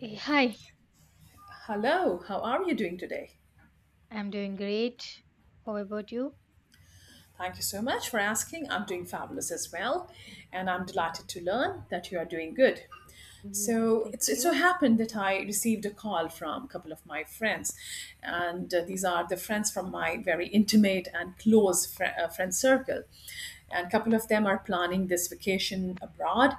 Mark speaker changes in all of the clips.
Speaker 1: Hi,
Speaker 2: Hello, how are you doing today?
Speaker 1: I'm doing great. How about you?
Speaker 2: Thank you so much for asking. I'm doing fabulous as well, and I'm delighted to learn that you are doing good.
Speaker 1: Yeah,
Speaker 2: So
Speaker 1: thank
Speaker 2: it's, it so
Speaker 1: you.
Speaker 2: happened that I received a call from a couple of my friends, and these are the friends from my very intimate and close friend circle. And a couple of them are planning this vacation abroad,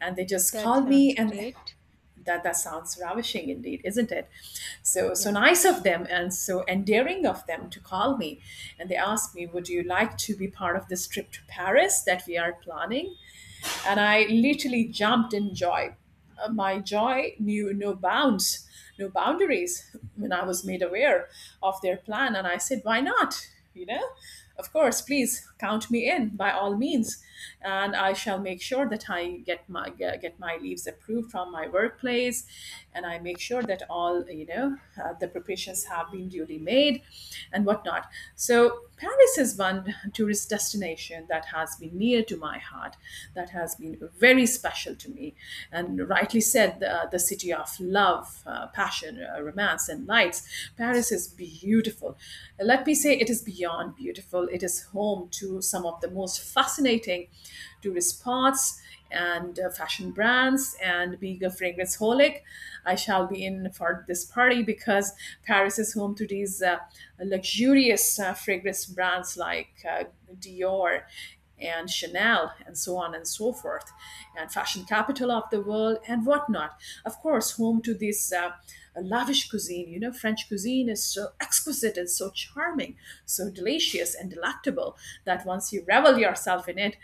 Speaker 2: and they just
Speaker 1: That
Speaker 2: called
Speaker 1: sounds
Speaker 2: me and
Speaker 1: great.
Speaker 2: that sounds ravishing indeed, isn't it? So so
Speaker 1: Yeah.
Speaker 2: nice of them and so endearing of them to call me, and they asked me, would you like to be part of this trip to Paris that we are planning? And I literally jumped in joy. My joy knew no bounds, no boundaries when I was made aware of their plan. And I said, why not? You know, of course, please count me in by all means. And I shall make sure that I get my leaves approved from my workplace. And I make sure that all, the preparations have been duly made and whatnot. So Paris is one tourist destination that has been near to my heart, that has been very special to me. And rightly said, the city of love, passion, romance, and lights. Paris is beautiful. Let me say it is beyond beautiful. It is home to some of the most fascinating tourist spots and fashion brands, and being a fragrance holic, I shall be in for this party because Paris is home to these luxurious fragrance brands like Dior and Chanel and so on and so forth, and fashion capital of the world and whatnot. Of course, home to this lavish cuisine. You know, French cuisine is so exquisite and so charming, so delicious and delectable that once you revel yourself in it,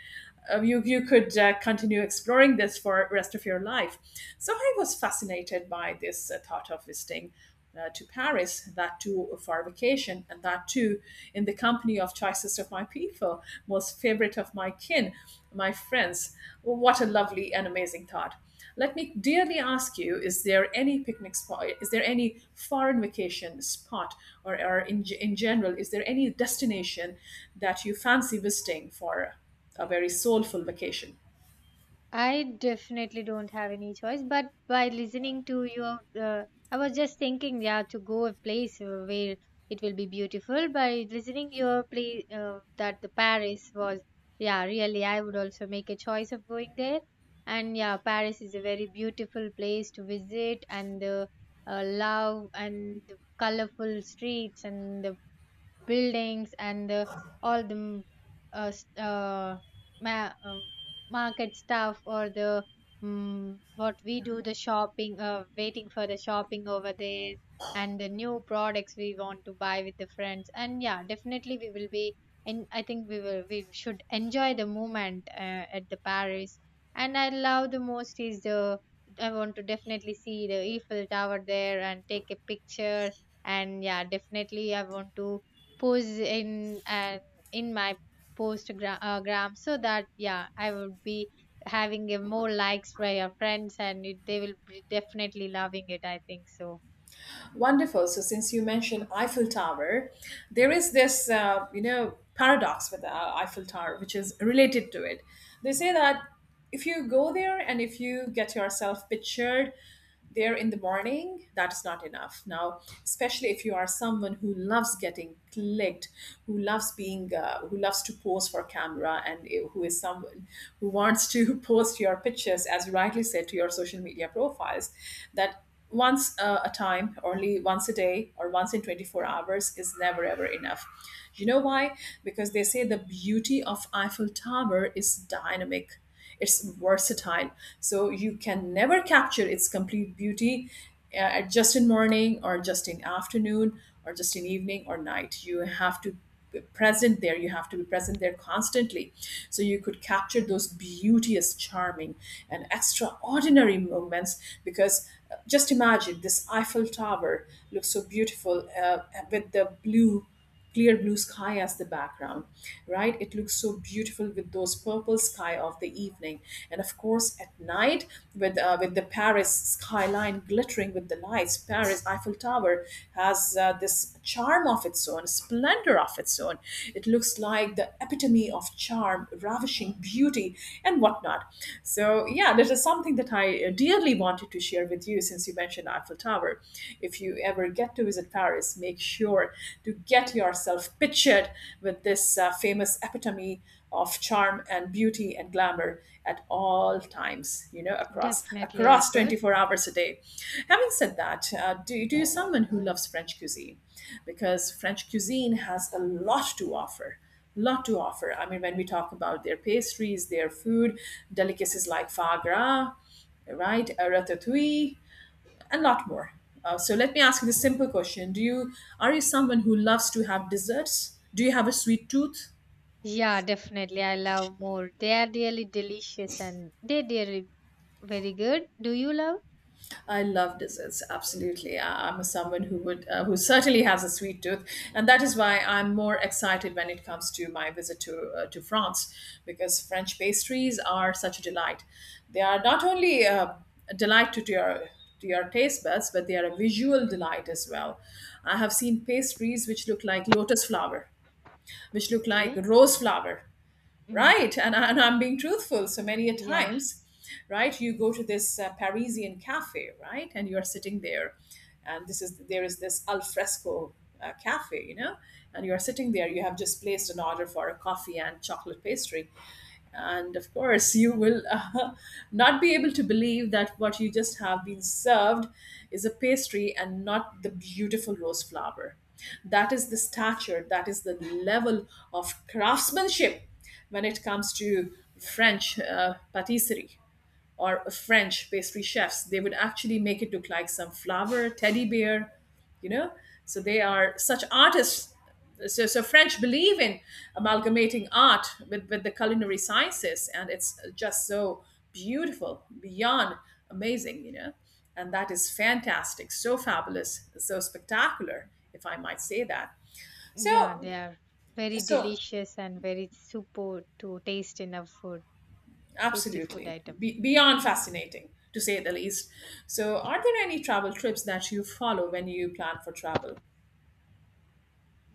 Speaker 2: you could continue exploring this for the rest of your life. So I was fascinated by this thought of visiting to Paris, that too for a vacation, and that too in the company of choicest of my people, most favorite of my kin, my friends. What a lovely and amazing thought. Let me dearly ask you: is there any picnic spot? Is there any foreign vacation spot, or in general, is there any destination that you fancy visiting for a very soulful vacation?
Speaker 1: I definitely don't have any choice, but by listening to you, I was just thinking, yeah, to go a place where it will be beautiful. By listening your place, that the Paris was, yeah, really, I would also make a choice of going there. And yeah, Paris is a very beautiful place to visit, and the love and the colorful streets and the buildings and the uh, s- uh, ma- um, market stuff or the mm what we do the shopping waiting for the shopping over there and the new products we want to buy with the friends. And yeah, definitely we will be. And I think we should enjoy the moment at the Paris. And I love the most. Is the I want to definitely see the Eiffel Tower there and take a picture. And yeah, definitely I want to pose in and in my post gram, so that yeah I would be having a more likes by your friends, and they will be definitely loving it, I think so.
Speaker 2: Wonderful. So since you mentioned Eiffel Tower, there is this paradox with the Eiffel Tower, which is related to it. They say that if you go there and if you get yourself pictured there in the morning, that's not enough. Now, especially if you are someone who loves getting clicked, who loves who loves to pose for camera, and who is someone who wants to post your pictures, as you rightly said, to your social media profiles, that once a time, only once a day, or once in 24 hours is never ever enough. You know why? Because they say the beauty of Eiffel Tower is dynamic, it's versatile, so you can never capture its complete beauty just in morning or just in afternoon or just in evening or night. You have to be present there, you have to be present there constantly, so you could capture those beauteous, charming and extraordinary moments, because just imagine this Eiffel Tower looks so beautiful with the blue, clear blue sky as the background, right? It looks so beautiful with those purple sky of the evening, and of course at night with the Paris skyline glittering with the lights, Paris Eiffel Tower has this charm of its own, splendor of its own. It looks like the epitome of charm, ravishing beauty and whatnot. So yeah, that is something that I dearly wanted to share with you, since you mentioned Eiffel Tower. If you ever get to visit Paris, make sure to get yourself pictured with this famous epitome of charm and beauty and glamour at all times, you know, across
Speaker 1: Definitely I
Speaker 2: across
Speaker 1: could.
Speaker 2: 24 hours a day. Having said that, do you someone who loves French cuisine? Because French cuisine has a lot to offer, lot to offer. I mean, when we talk about their pastries, their food, delicacies like foie gras, right, a ratatouille, and lot more. So let me ask you this simple question: Do you are you someone who loves to have desserts? Do you have a sweet tooth?
Speaker 1: Yeah, definitely I love more, they are really delicious and they really very good. Do you love?
Speaker 2: I love desserts, absolutely. I'm someone who would, who certainly has a sweet tooth, and that is why I'm more excited when it comes to my visit to France, because French pastries are such a delight. They are not only a delight to your to your taste buds, but they are a visual delight as well. I have seen pastries which look like lotus flower, which look like
Speaker 1: Okay.
Speaker 2: rose flower,
Speaker 1: Mm.
Speaker 2: right. And I'm being truthful, so many a
Speaker 1: Yeah,
Speaker 2: times. Right, you go to this Parisian cafe, right, and you're sitting there, and this is there is this al fresco cafe, you know, and you're sitting there, you have just placed an order for a coffee and chocolate pastry, and of course you will not be able to believe that what you just have been served is a pastry and not the beautiful rose flower. That is the stature, that is the level of craftsmanship when it comes to French patisserie or French pastry chefs. They would actually make it look like some flower, teddy bear, you know. So they are such artists. So French believe in amalgamating art with the culinary sciences, and it's just so beautiful, beyond amazing, you know. And that is fantastic, so fabulous, so spectacular, if I might say that.
Speaker 1: yeah,
Speaker 2: So,
Speaker 1: they are very
Speaker 2: so
Speaker 1: delicious and very super to taste in a food. Tasty food
Speaker 2: Absolutely.
Speaker 1: item.
Speaker 2: Beyond fascinating, to say the least. So, are there any travel trips that you follow when you plan for travel?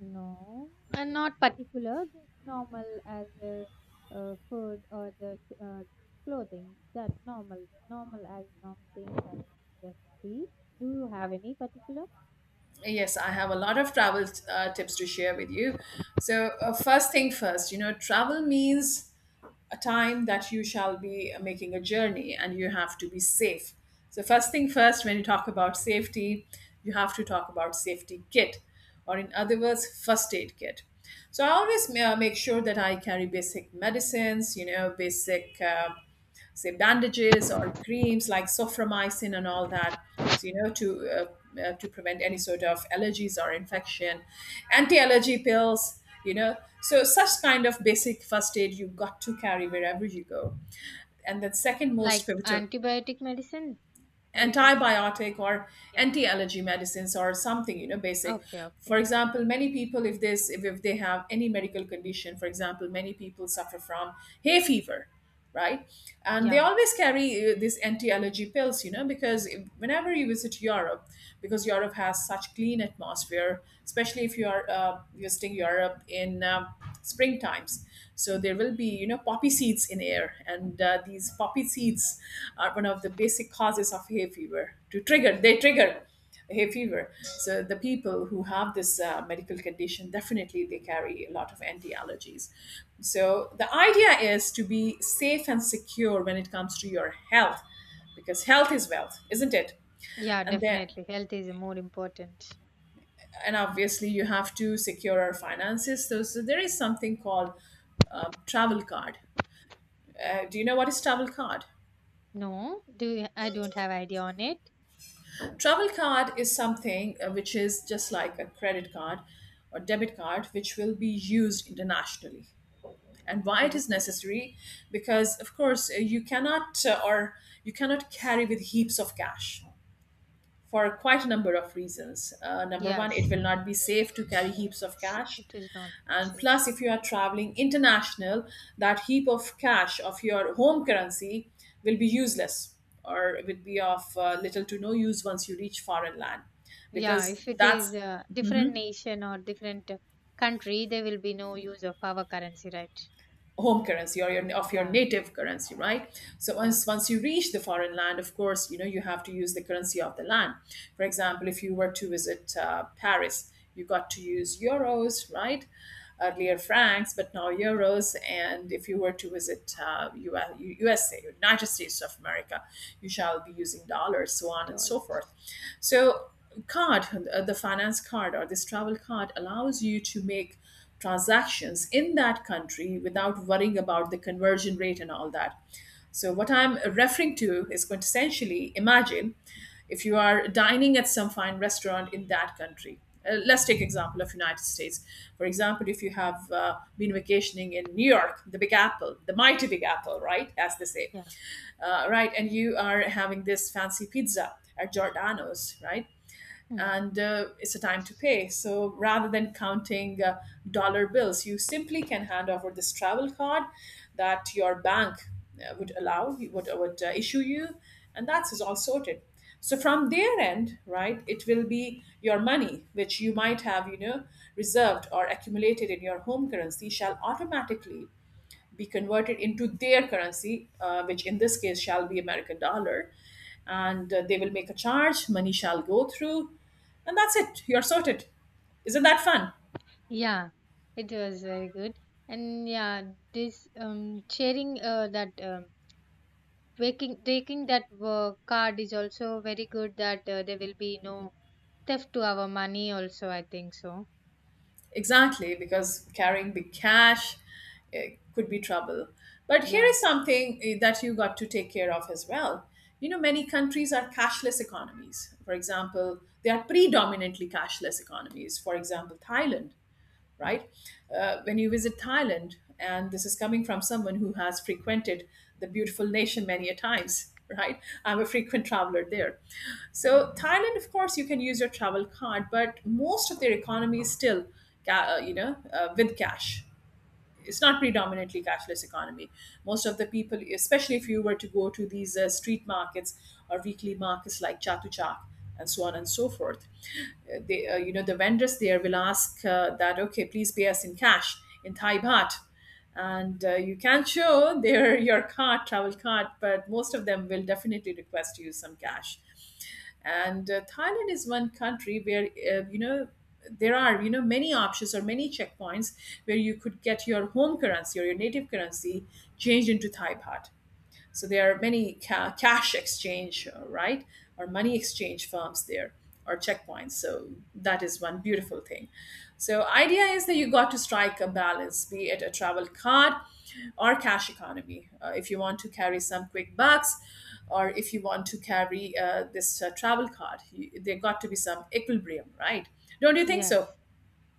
Speaker 1: No, and not particular, just normal as a, food or the uh, clothing. That normal as normal things I would just see. Do you have any particular?
Speaker 2: Yes, I have a lot of travel tips to share with you. So, first thing first, you know, travel means a time that you shall be making a journey and you have to be safe. So, first thing first, when you talk about safety, you have to talk about safety kit or, in other words, first aid kit. So, I always make sure that I carry basic medicines, you know, basic say bandages or creams like soframycin and all that, so you know, to prevent any sort of allergies or infection, anti-allergy pills, you know, so such kind of basic first aid you've got to carry wherever you go. And then second most
Speaker 1: Like
Speaker 2: pivotal,
Speaker 1: antibiotic medicine? Are you talking?
Speaker 2: antibiotic or
Speaker 1: Yeah.
Speaker 2: anti-allergy medicines or something, you know, basic.
Speaker 1: Okay,
Speaker 2: For
Speaker 1: okay.
Speaker 2: example, many people, if this if they have any medical condition, for example many people suffer from hay fever, right? And they
Speaker 1: Yeah.
Speaker 2: always carry these anti-allergy pills, you know, because whenever you visit Europe, because Europe has such clean atmosphere, especially if you are visiting Europe in spring times, so there will be, you know, poppy seeds in air, and these poppy seeds are one of the basic causes of hay fever. To trigger, they trigger hay fever. So the people who have this medical condition, definitely they carry a lot of anti allergies. So the idea is to be safe and secure when it comes to your health, because health is wealth, isn't it?
Speaker 1: Yeah,
Speaker 2: And then
Speaker 1: definitely. Health is more important.
Speaker 2: and obviously you have to secure our finances. So there is something called travel card. Do you know what is travel card?
Speaker 1: No, I don't have idea on it.
Speaker 2: Travel card is something which is just like a credit card or debit card, which will be used internationally. And why it
Speaker 1: Okay.
Speaker 2: is necessary? Because of course you cannot or you cannot carry with heaps of cash for quite a number of reasons. Number one, it
Speaker 1: Yes.
Speaker 2: will not be safe to carry heaps of cash,
Speaker 1: It is not
Speaker 2: and
Speaker 1: safe.
Speaker 2: plus if you are traveling international, that heap of cash of your home currency will be useless, or it will be of little to no use once you reach foreign land,
Speaker 1: Yeah,
Speaker 2: because
Speaker 1: if it
Speaker 2: that's
Speaker 1: is a different nation or different country, there will be no use of our currency, right?
Speaker 2: home currency or your of your
Speaker 1: Yeah,
Speaker 2: native currency, right? So
Speaker 1: yeah,
Speaker 2: once you reach the foreign land, of course you know you have to use the currency of the land. For example, if you were to visit Paris, you got to use euros, right? Earlier
Speaker 1: yeah,
Speaker 2: francs, but now euros. And if you were to visit USA, United States of America, you shall be using dollars, so on
Speaker 1: it
Speaker 2: and
Speaker 1: all.
Speaker 2: so forth. So card, the finance card or this travel card allows you to make transactions in that country without worrying about the conversion rate and all that. So, what I'm referring to is quintessentially imagine if you are dining at some fine restaurant in that country. Let's take example of United States. For example, if you have been vacationing in New York, the Big Apple, the mighty Big Apple, right, as they say,
Speaker 1: Yeah.
Speaker 2: right, and you are having this fancy pizza at Giordano's, right?
Speaker 1: Mhm.
Speaker 2: And it's a time to pay. So rather than counting dollar bills, you simply can hand over this travel card that your bank would issue you, and that's is all sorted. So from their end, right, it will be your money, which you might have, you know, reserved or accumulated in your home currency, shall automatically be converted into their currency, which in this case shall be American dollar. And they will make a charge, money shall go through, and that's it. You're sorted. Isn't that fun?
Speaker 1: Yeah, it was very good. And yeah, this sharing that waking taking that card is also very good, that there will be no theft to our money also, I think so.
Speaker 2: Exactly, because carrying big cash could be trouble. But here
Speaker 1: Yeah,
Speaker 2: is something that you got to take care of as well. You know, many countries are cashless economies. For example, they are predominantly cashless economies. For example, Thailand, right? When you visit Thailand, and this is coming from someone who has frequented the beautiful nation many a times, right? I'm a frequent traveler there. So Thailand, of course, you can use your travel card, but most of their economy is still, with cash. It's not predominantly cashless economy. Most of the people, especially if you were to go to these street markets or weekly markets like chatu chak, and so on and so forth. They, you know, the vendors there will ask that okay, please pay us in cash, in thai baht. And you can show their your card travel card, but most of them will definitely request to use some cash. And thailand is one country where, you know, there are, you know, many options or many checkpoints where you could get your home currency or your native currency changed into thai baht. So there are many cash exchange, right, or money exchange firms there, or checkpoints. So that is one beautiful thing. So idea is that you got to strike a balance, be it a travel card or cash economy. If you want to carry some quick bucks, or if you want to carry this travel card, you, there got to be some equilibrium, right? Don't you think
Speaker 1: yes.
Speaker 2: so?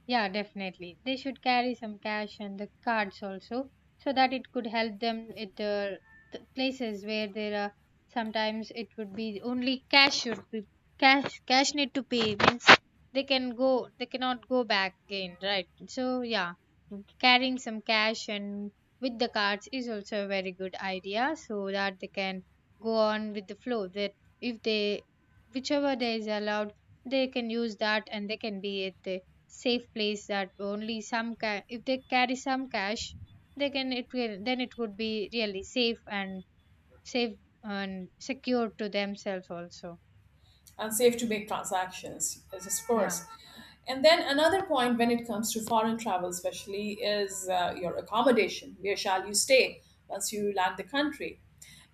Speaker 1: Yeah, definitely. They should carry some cash and the cards also, so that it could help them at the places where there are. Sometimes it would be only cash should be cash. Cash need to pay means they can go. They cannot go back again, right? So yeah, carrying some cash and with the cards is also a very good idea, so that they can go on with the flow. That if they whichever day is allowed, they can use that and they can be at the safe place, that only some if they carry some cash, they can it will then it would be really safe and secure to themselves also.
Speaker 2: And safe to make transactions is, of
Speaker 1: Yeah,
Speaker 2: course. And then another point when it comes to foreign travel especially is your accommodation, where shall you stay once you land the country.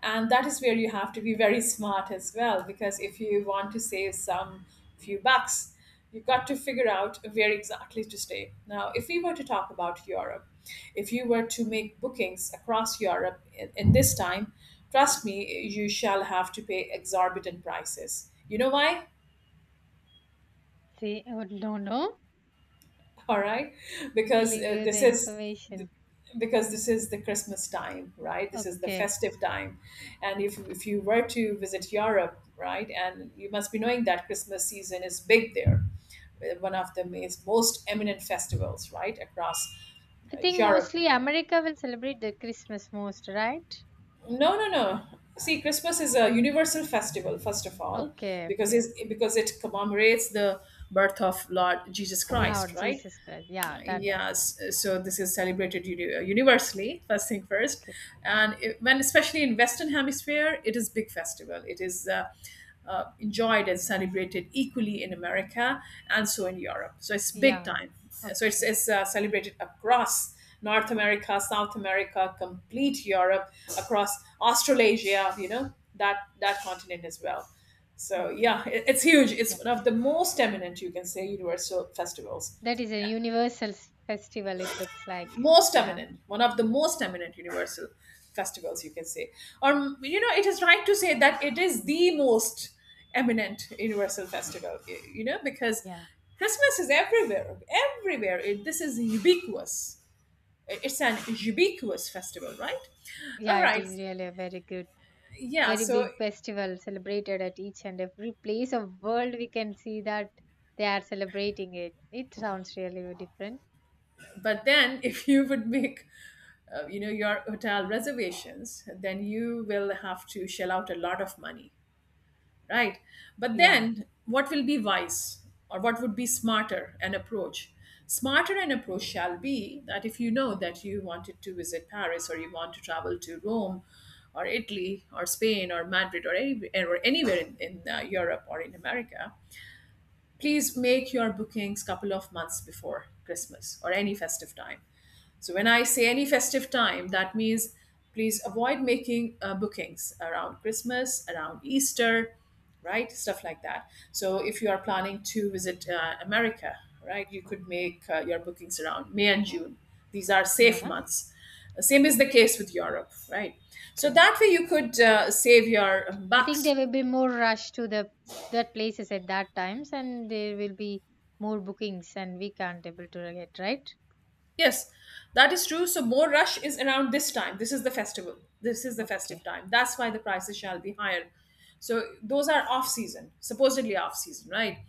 Speaker 2: And that is where you have to be very smart as well, because if you want to save some few bucks, you've got to figure out where exactly to stay. Now if we were to talk about europe, if you were to make bookings across Europe in this time, trust me, you shall have to pay exorbitant prices. You know why?
Speaker 1: see, I would don't know.
Speaker 2: All right,
Speaker 1: He'll
Speaker 2: because
Speaker 1: give you the information.
Speaker 2: this is the Christmas time, right? This is the
Speaker 1: Okay.
Speaker 2: festive time, and if you were to visit Europe, right, and you must be knowing that Christmas season is big there, one of the most eminent festivals right across
Speaker 1: I think
Speaker 2: Europe.
Speaker 1: mostly America will celebrate the Christmas most, right?
Speaker 2: No, no, no. See, Christmas is a universal festival, first of all,
Speaker 1: Okay,
Speaker 2: because
Speaker 1: okay.
Speaker 2: it commemorates the birth of Lord Jesus Christ,
Speaker 1: Lord
Speaker 2: right?
Speaker 1: Jesus Christ, yeah, that I.
Speaker 2: Yes, so this is celebrated universally. First thing first,
Speaker 1: Okay.
Speaker 2: and it, when especially in Western Hemisphere, it is big festival. It is enjoyed and celebrated equally in America and so in Europe. So it's big
Speaker 1: Yeah.
Speaker 2: time. So it's,
Speaker 1: Okay,
Speaker 2: it's uh, celebrated across North America, South America, complete Europe, across Australasia. You know that that continent as well. So
Speaker 1: okay.
Speaker 2: yeah, it's huge. It's
Speaker 1: Yeah,
Speaker 2: one of the most eminent, you can say, universal festivals.
Speaker 1: that is a universal festival, it looks like.
Speaker 2: Most
Speaker 1: Yeah,
Speaker 2: eminent, one of the most eminent universal festivals, you can say. Or, you know, it is right to say that it is the most eminent universal festival, you know, because
Speaker 1: yeah.
Speaker 2: Christmas is everywhere, everywhere. This is ubiquitous. It's an ubiquitous festival, right? All
Speaker 1: Yeah, it
Speaker 2: right.
Speaker 1: is really a very good,
Speaker 2: Yeah.
Speaker 1: very
Speaker 2: So,
Speaker 1: big festival celebrated at each and every place of world. We can see that they are celebrating it. It sounds really different.
Speaker 2: but then if you would make, you know, your hotel reservations, then you will have to shell out a lot of money, right? But
Speaker 1: Yeah,
Speaker 2: then what will be wise, or what would be smarter an approach, smarter an approach shall be that if you know that you wanted to visit paris, or you want to travel to rome, or italy, or spain, or madrid, or any, or anywhere in europe or in america, please make your bookings couple of months before christmas, or any festive time. So when I say any festive time, that means please avoid making bookings around Christmas, around Easter, right? Stuff like that. So if you are planning to visit America, right, you could make your bookings around May and June. These are safe
Speaker 1: yeah.
Speaker 2: months. Same is the case with Europe, right? So
Speaker 1: Okay.
Speaker 2: that way you could save your
Speaker 1: I think
Speaker 2: bucks.
Speaker 1: there will be more rush to the that places at that times, and there will be more bookings, and we can't able to get, right?
Speaker 2: Yes, that is true. So more rush is around this time. This is the festival. This is the festive
Speaker 1: Okay.
Speaker 2: time. That's why the prices shall be higher. So those are off season, supposedly off season, right?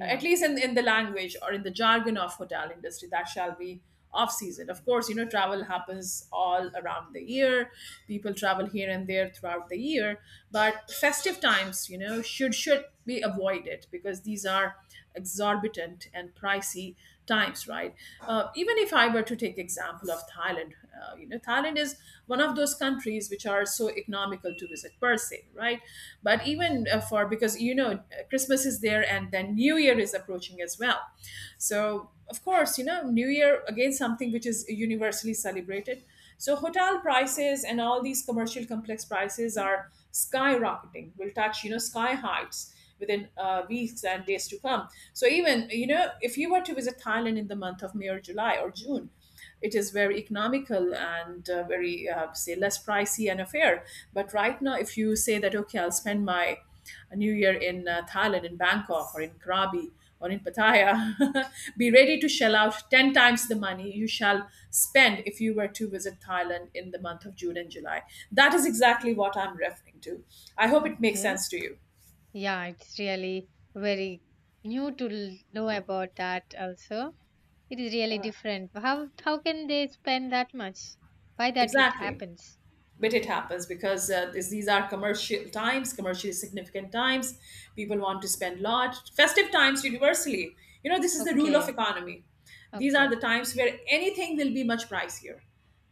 Speaker 2: At least in the language or in the jargon of hotel industry, that shall be off season. Of course, you know, travel happens all around the year. People travel here and there throughout the year. But festive times, you know, should be avoided because these are exorbitant and pricey times, right? Even if I were to take example of thailand, you know thailand is one of those countries which are so economical to visit per se, right? But even for because you know christmas is there, and then new year is approaching as well. So of course, you know, new year again, something which is universally celebrated. So hotel prices and all these commercial complex prices are skyrocketing, will touch, you know, sky heights within weeks and days to come. So even, you know, if you were to visit Thailand in the month of May or July or June, it is very economical and very, say, less pricey and affair. But right now, if you say that okay, I'll spend my New Year in Thailand, in Bangkok or in Krabi or in Pattaya, be ready to shell out ten times the money you shall spend if you were to visit Thailand in the month of June and July. That is exactly what I'm referring to. I hope it makes
Speaker 1: Okay.
Speaker 2: sense to you.
Speaker 1: Yeah, it's really very new to know about that also. It is really different. How can they spend that much? Why that it
Speaker 2: Exactly.
Speaker 1: happens?
Speaker 2: But it happens because these are commercial times, commercially significant times. People want to spend lot, festive times universally. You know, this is the rule of
Speaker 1: Okay,
Speaker 2: economy. These
Speaker 1: okay,
Speaker 2: are the
Speaker 1: okay.
Speaker 2: times where anything will be much pricier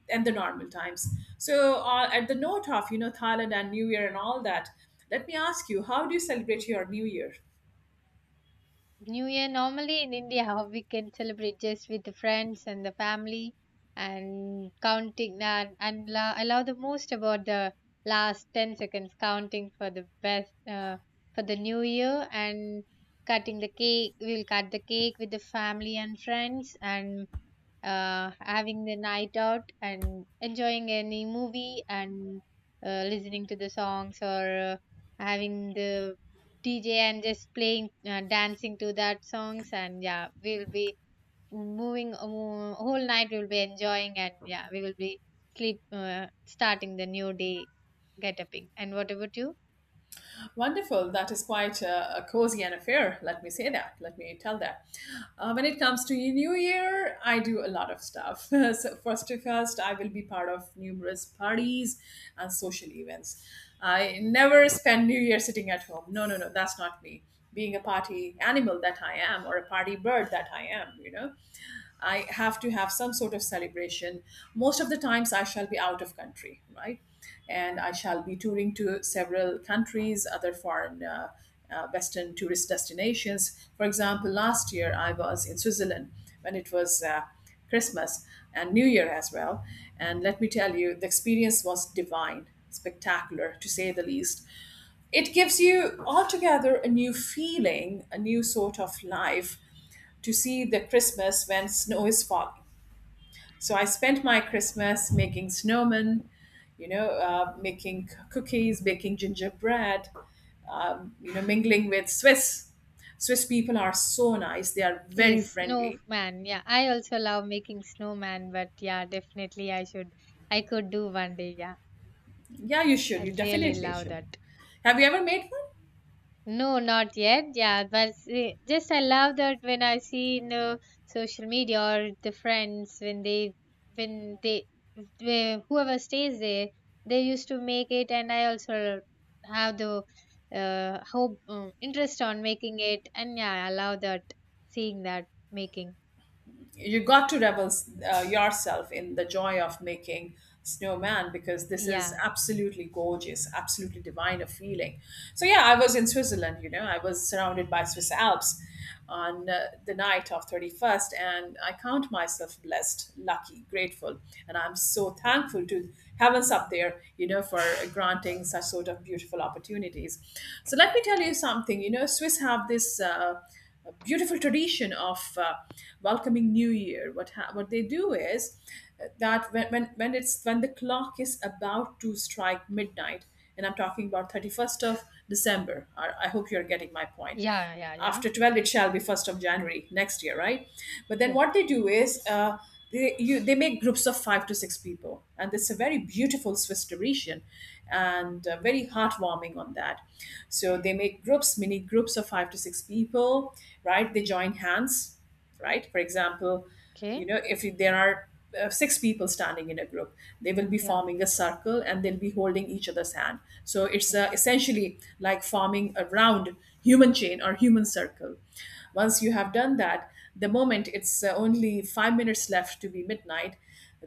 Speaker 2: than the normal times. So at the note of, you know, thailand and new year and all that, let me ask you, how do you celebrate your new year?
Speaker 1: New Year normally in India how we can celebrate just with the friends and the family and counting and I love the most about the last 10 seconds counting for the best for the New Year and cutting the cake. We'll cut the cake with the family and friends and having the night out and enjoying any movie and listening to the songs or having the DJ and just playing, dancing to that songs. And yeah, we'll be moving whole night. We'll be enjoying. And yeah, we will be sleep starting the new day get upping. And what about you?
Speaker 2: Wonderful. That is quite a cozy an affair. Let me say that. Let me tell that. When it comes to New Year, I do a lot of stuff. So first to first, I will be part of numerous parties and social events. I never spend New Year sitting at home. No, no, no. That's not me. Being a party animal that I am, or a party bird that I am, you know. I have to have some sort of celebration. Most of the times, I shall be out of country, right? And I shall be touring to several countries, other foreign Western tourist destinations. For example, last year I was in Switzerland when it was Christmas and New Year as well. And let me tell you, the experience was divine, spectacular to say the least. It gives you altogether a new feeling, a new sort of life to see the Christmas when snow is falling. So I spent my Christmas making snowmen, you know, making cookies, baking gingerbread, you know, mingling with Swiss. Swiss people are so nice. They are very
Speaker 1: Yes,
Speaker 2: friendly.
Speaker 1: snowman. Yeah, I also love making snowman, but yeah, definitely I could do one day. Yeah,
Speaker 2: Yeah, you should.
Speaker 1: I
Speaker 2: You
Speaker 1: really
Speaker 2: definitely
Speaker 1: love
Speaker 2: should.
Speaker 1: that.
Speaker 2: Have you ever made one?
Speaker 1: No, not yet. Yeah, but see, just I love that when I see in the social media or the friends when they whoever stays there they used to make it, and I also have the hope interest on making it, and yeah, I love that seeing that making.
Speaker 2: You got to revel yourself in the joy of making snowman, because this is
Speaker 1: Yeah,
Speaker 2: absolutely gorgeous, absolutely divine a feeling. So yeah, I was in switzerland, you know, I was surrounded by swiss alps on the night of 31st, and I count myself blessed, lucky, grateful, and I'm so thankful to heavens up there, you know, for granting such sort of beautiful opportunities. So let me tell you something, you know, swiss have this a beautiful tradition of welcoming New Year. What they do is that when the clock is about to strike midnight, and I'm talking about 31st of December. I hope you're getting my point.
Speaker 1: yeah, yeah, yeah.
Speaker 2: After
Speaker 1: I
Speaker 2: 12, it
Speaker 1: can.
Speaker 2: shall be 1st of January next year, right? But then
Speaker 1: Yeah.
Speaker 2: what they do is, they make groups of five to six people, and it's a very beautiful Swiss tradition and very heartwarming on that. So they make groups mini groups of five to six people, right? They join hands, right? For example, you
Speaker 1: Okay.
Speaker 2: know, if there are six people standing in a group, they will be
Speaker 1: Yeah.
Speaker 2: forming a circle, and they'll be holding each other's hand. So it's
Speaker 1: Yeah.
Speaker 2: essentially like forming a round human chain or human circle. Once you have done that, the moment it's only 5 minutes left to be midnight,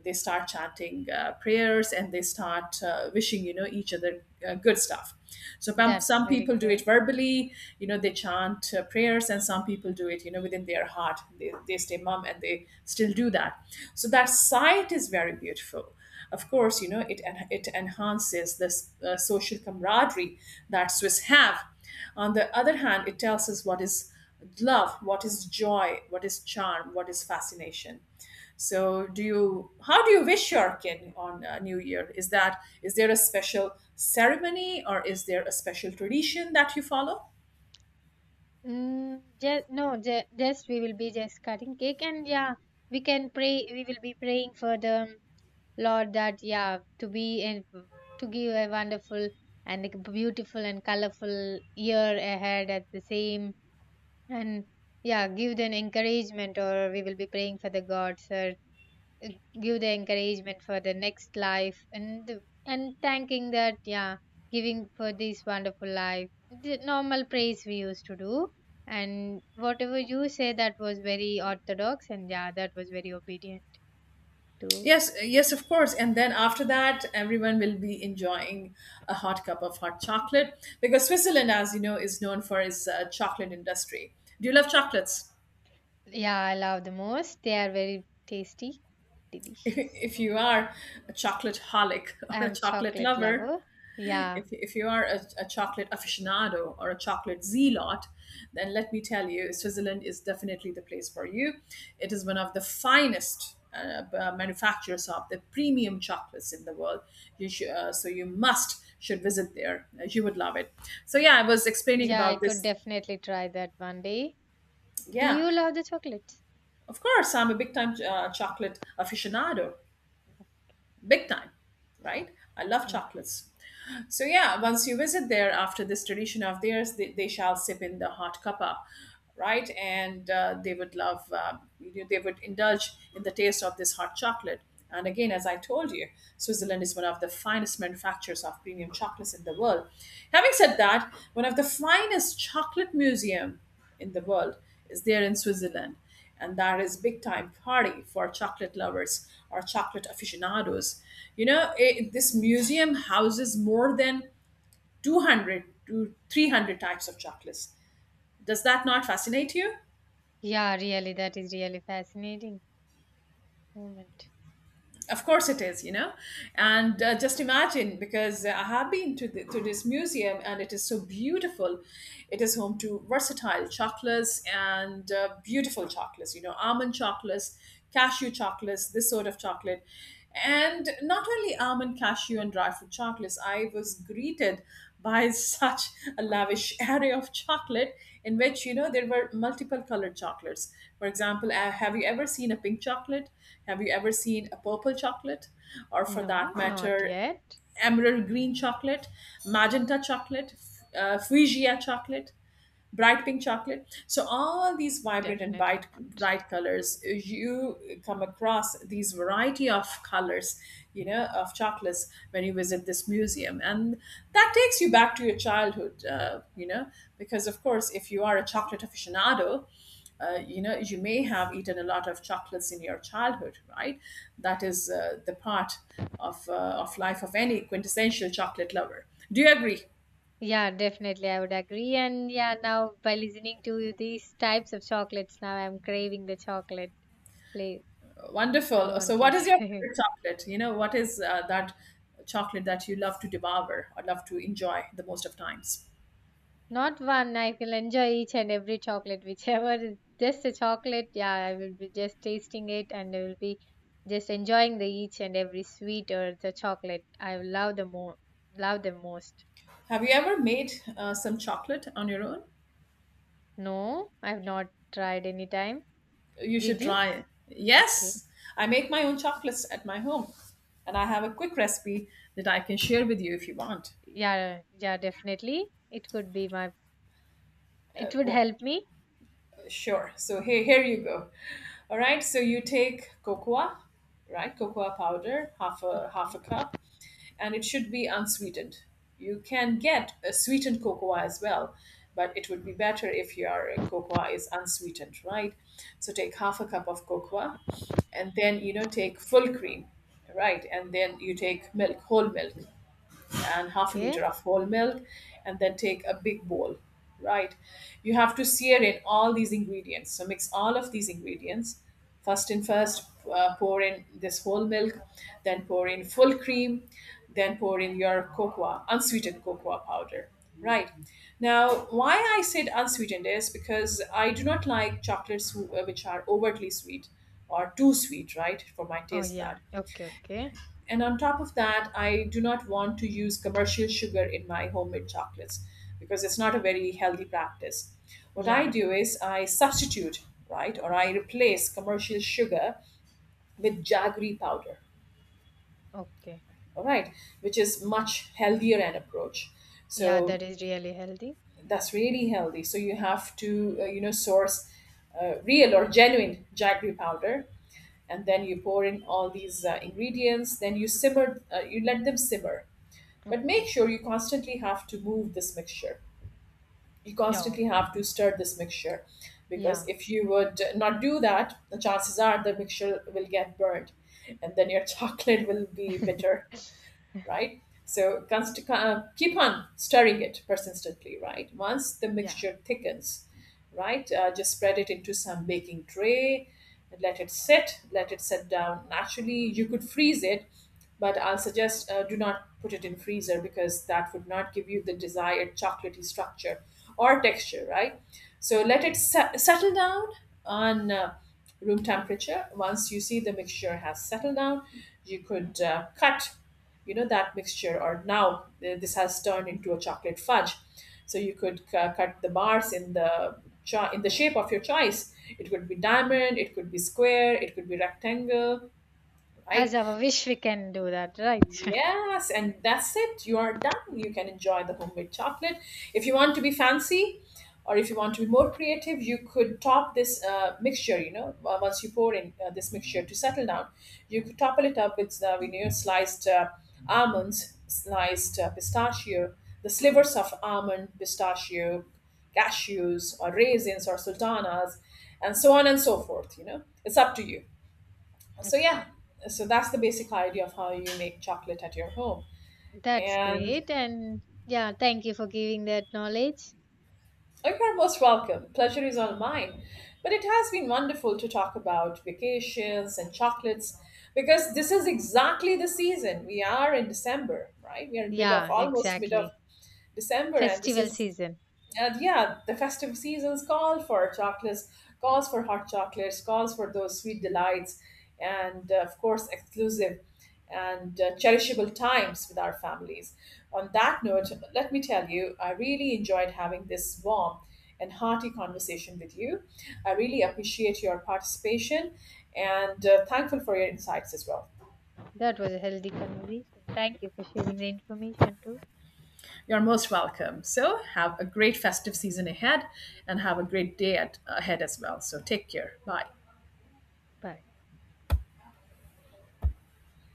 Speaker 2: they start chanting prayers, and they start wishing you know each other good stuff. So
Speaker 1: That's
Speaker 2: some
Speaker 1: very
Speaker 2: people do it
Speaker 1: good.
Speaker 2: verbally. You know they chant prayers, and some people do it you know within their heart. They stay mum, and they still do that. So that sight is very beautiful. Of course, you know it it enhances this social camaraderie that Swiss have. On the other hand, it tells us what is love, what is joy, what is charm, what is fascination. So, do you? How do you wish your kid on New Year? Is there a special ceremony, or is there a special tradition that you follow?
Speaker 1: Mm, just no, just we will be just cutting cake. And yeah, we can pray. We will be praying for the Lord that yeah to be and to give a wonderful and a beautiful and colorful year ahead at the same. And yeah, give them encouragement, or we will be praying for the gods, or give the encouragement for the next life, and and thanking that, yeah, giving for this wonderful life, the normal praise we used to do. And whatever you say, that was very orthodox, and yeah, that was very obedient too.
Speaker 2: Yes, yes, of course. And then after that, everyone will be enjoying a hot cup of hot chocolate, because Switzerland, as you know, is known for its chocolate industry. Do you love chocolates?
Speaker 1: Yeah, I love the most, they are very tasty, delicious.
Speaker 2: If you are a chocolate holic,
Speaker 1: I
Speaker 2: or a
Speaker 1: am
Speaker 2: chocolate
Speaker 1: chocolate
Speaker 2: lover,
Speaker 1: lover. Yeah,
Speaker 2: if you are a chocolate aficionado or a chocolate zealot, then let me tell you, Switzerland is definitely the place for you. It is one of the finest manufacturers of the premium chocolates in the world. So you must should visit there. You would love it. So yeah, I was explaining
Speaker 1: yeah, I
Speaker 2: about
Speaker 1: could
Speaker 2: this.
Speaker 1: definitely try that one day. Do
Speaker 2: Yeah,
Speaker 1: you love the chocolates?
Speaker 2: of course, I'm a big time chocolate aficionado, big time, right? I love
Speaker 1: Yeah,
Speaker 2: chocolates. So yeah, once you visit there after this tradition of theirs, they shall sip in the hot cuppa, right? And they would indulge in the taste of this hot chocolate. And again, as I told you, Switzerland is one of the finest manufacturers of premium chocolates in the world. Having said that, one of the finest chocolate museum in the world is there in Switzerland, and that is big time party for chocolate lovers or chocolate aficionados. You know, this museum houses more than 200 to 300 types of chocolates. Does that not fascinate you?
Speaker 1: yeah, really that is really fascinating moment.
Speaker 2: Of course it is, and just imagine, because I have been to this museum, and it is so beautiful. It is home to versatile chocolates and beautiful chocolates, you know, almond chocolates, cashew chocolates, this sort of chocolate. And not only almond, cashew, and dry fruit chocolates, I was greeted buys such a lavish array of chocolate in which you know there were multiple colored chocolates. For example, have you ever seen a pink chocolate? Have you ever seen a purple chocolate, or for that
Speaker 1: No, not
Speaker 2: matter,
Speaker 1: yet.
Speaker 2: emerald green chocolate, magenta chocolate, fuchsia chocolate, bright pink chocolate? So all these vibrant and bright,
Speaker 1: Definitely not.
Speaker 2: bright colors, you come across these variety of colors you know, of chocolates when you visit this museum, and that takes you back to your childhood, because of course, if you are a chocolate aficionado. You may have eaten a lot of chocolates in your childhood, right? That is the part of life of any quintessential chocolate lover. Do you agree?
Speaker 1: Yeah, definitely, I would agree. And yeah, now by listening to these types of chocolates, now I'm craving the chocolate. Like, I
Speaker 2: Wonderful. So,
Speaker 1: want
Speaker 2: what is your
Speaker 1: it.
Speaker 2: favorite chocolate? what is that chocolate that you love to devour or love to enjoy the most of times?
Speaker 1: Not one. I will enjoy each and every chocolate, whichever is just a chocolate. Yeah, I will be just tasting it and I will be just enjoying the each and every sweet or the chocolate. I will love the more, love the most.
Speaker 2: Have you ever made some chocolate on your own?
Speaker 1: No, I've not tried any time.
Speaker 2: You
Speaker 1: Did
Speaker 2: should
Speaker 1: you?
Speaker 2: try it.
Speaker 1: Okay.
Speaker 2: Yes, I make my own chocolates at my home, and I have a quick recipe that I can share with you if you want.
Speaker 1: Yeah, yeah, definitely. It could be my, it would
Speaker 2: Well,
Speaker 1: help me.
Speaker 2: sure. So here you go. All right. So you take cocoa, right? Cocoa powder, half a
Speaker 1: Okay,
Speaker 2: cup. And it should be unsweetened. You can get a sweetened cocoa as well, but it would be better if your cocoa is unsweetened, right? So take half a cup of cocoa, and then take full cream, right? And then you take milk, whole milk, and half a liter
Speaker 1: okay.
Speaker 2: of whole milk, and then take a big bowl, right? You have to sear in all these ingredients, so mix all of these ingredients. First, pour in this whole milk, then pour in full cream, then pour in your cocoa, unsweetened cocoa powder, right? Now, why I said unsweetened is because I do not like chocolates which are overtly sweet or too sweet, right, for my
Speaker 1: Oh,
Speaker 2: taste bud.
Speaker 1: yeah. Okay, okay.
Speaker 2: And on top of that, I do not want to use commercial sugar in my homemade chocolates, because it's not a very healthy practice. What I
Speaker 1: Yeah, def
Speaker 2: do is I substitute, right, or I replace commercial sugar with jaggery powder,
Speaker 1: okay.
Speaker 2: all right, which is much healthier an approach.
Speaker 1: Yeah,
Speaker 2: So
Speaker 1: that is really healthy.
Speaker 2: that's really healthy. So you have to, source real or genuine jaggery powder, and then you pour in all these ingredients, then you let them simmer. But make
Speaker 1: Okay.
Speaker 2: sure you constantly have to move this mixture. You
Speaker 1: Yeah,
Speaker 2: constantly have to stir this mixture, because
Speaker 1: yeah.
Speaker 2: if you would not do that, the chances are the mixture will get burned, and then your chocolate will be bitter, right? So keep on stirring it persistently, right? Once the
Speaker 1: Yeah,
Speaker 2: mixture thickens, right, just spread it into some baking tray, and let it set down naturally. You could freeze it, but I'll suggest do not put it in freezer, because that would not give you the desired chocolatey structure or texture, right? So let
Speaker 1: okay.
Speaker 2: it settle down on room temperature. Once you see the mixture has settled down, you could cut you know that mixture, or now this has turned into a chocolate fudge, so you could cut the bars in the shape of your choice. It could be diamond, it could be square, it could be rectangle, right?
Speaker 1: As our wish, we can do that, right?
Speaker 2: Yes, and that's it. You are done. You can enjoy the homemade chocolate. If you want to be fancy, or if you want to be more creative, you could top this mixture, once you pour in this mixture to settle down, you could topple it up with sliced almonds, sliced pistachio, the slivers of almond, pistachio, cashews, or raisins, or sultanas, and so on and so forth. It's up to you, so yeah.
Speaker 1: Okay.
Speaker 2: So that's the basic idea of how you make chocolate at your home.
Speaker 1: That's
Speaker 2: And
Speaker 1: great. And yeah, thank you for giving that knowledge.
Speaker 2: you're most welcome, pleasure is all mine. But it has been wonderful to talk about vacations and chocolates, because this is exactly the season we are in. December, right? We are mid of
Speaker 1: Yeah,
Speaker 2: almost mid of
Speaker 1: exactly.
Speaker 2: December, and this
Speaker 1: Festival
Speaker 2: is.
Speaker 1: season.
Speaker 2: And yeah, the festive seasons call for chocolates, calls for hot chocolates, calls for those sweet delights, and of course, exclusive and cherishable times with our families. On that note, let me tell you, I really enjoyed having this warm and hearty conversation with you. I really appreciate your participation, and thankful for your insights as well.
Speaker 1: That was a healthy conversation. Thank you for sharing the information too.
Speaker 2: You're most welcome. So, have a great festive season ahead, and have a great day ahead as well. So, take care. Bye.
Speaker 1: Bye.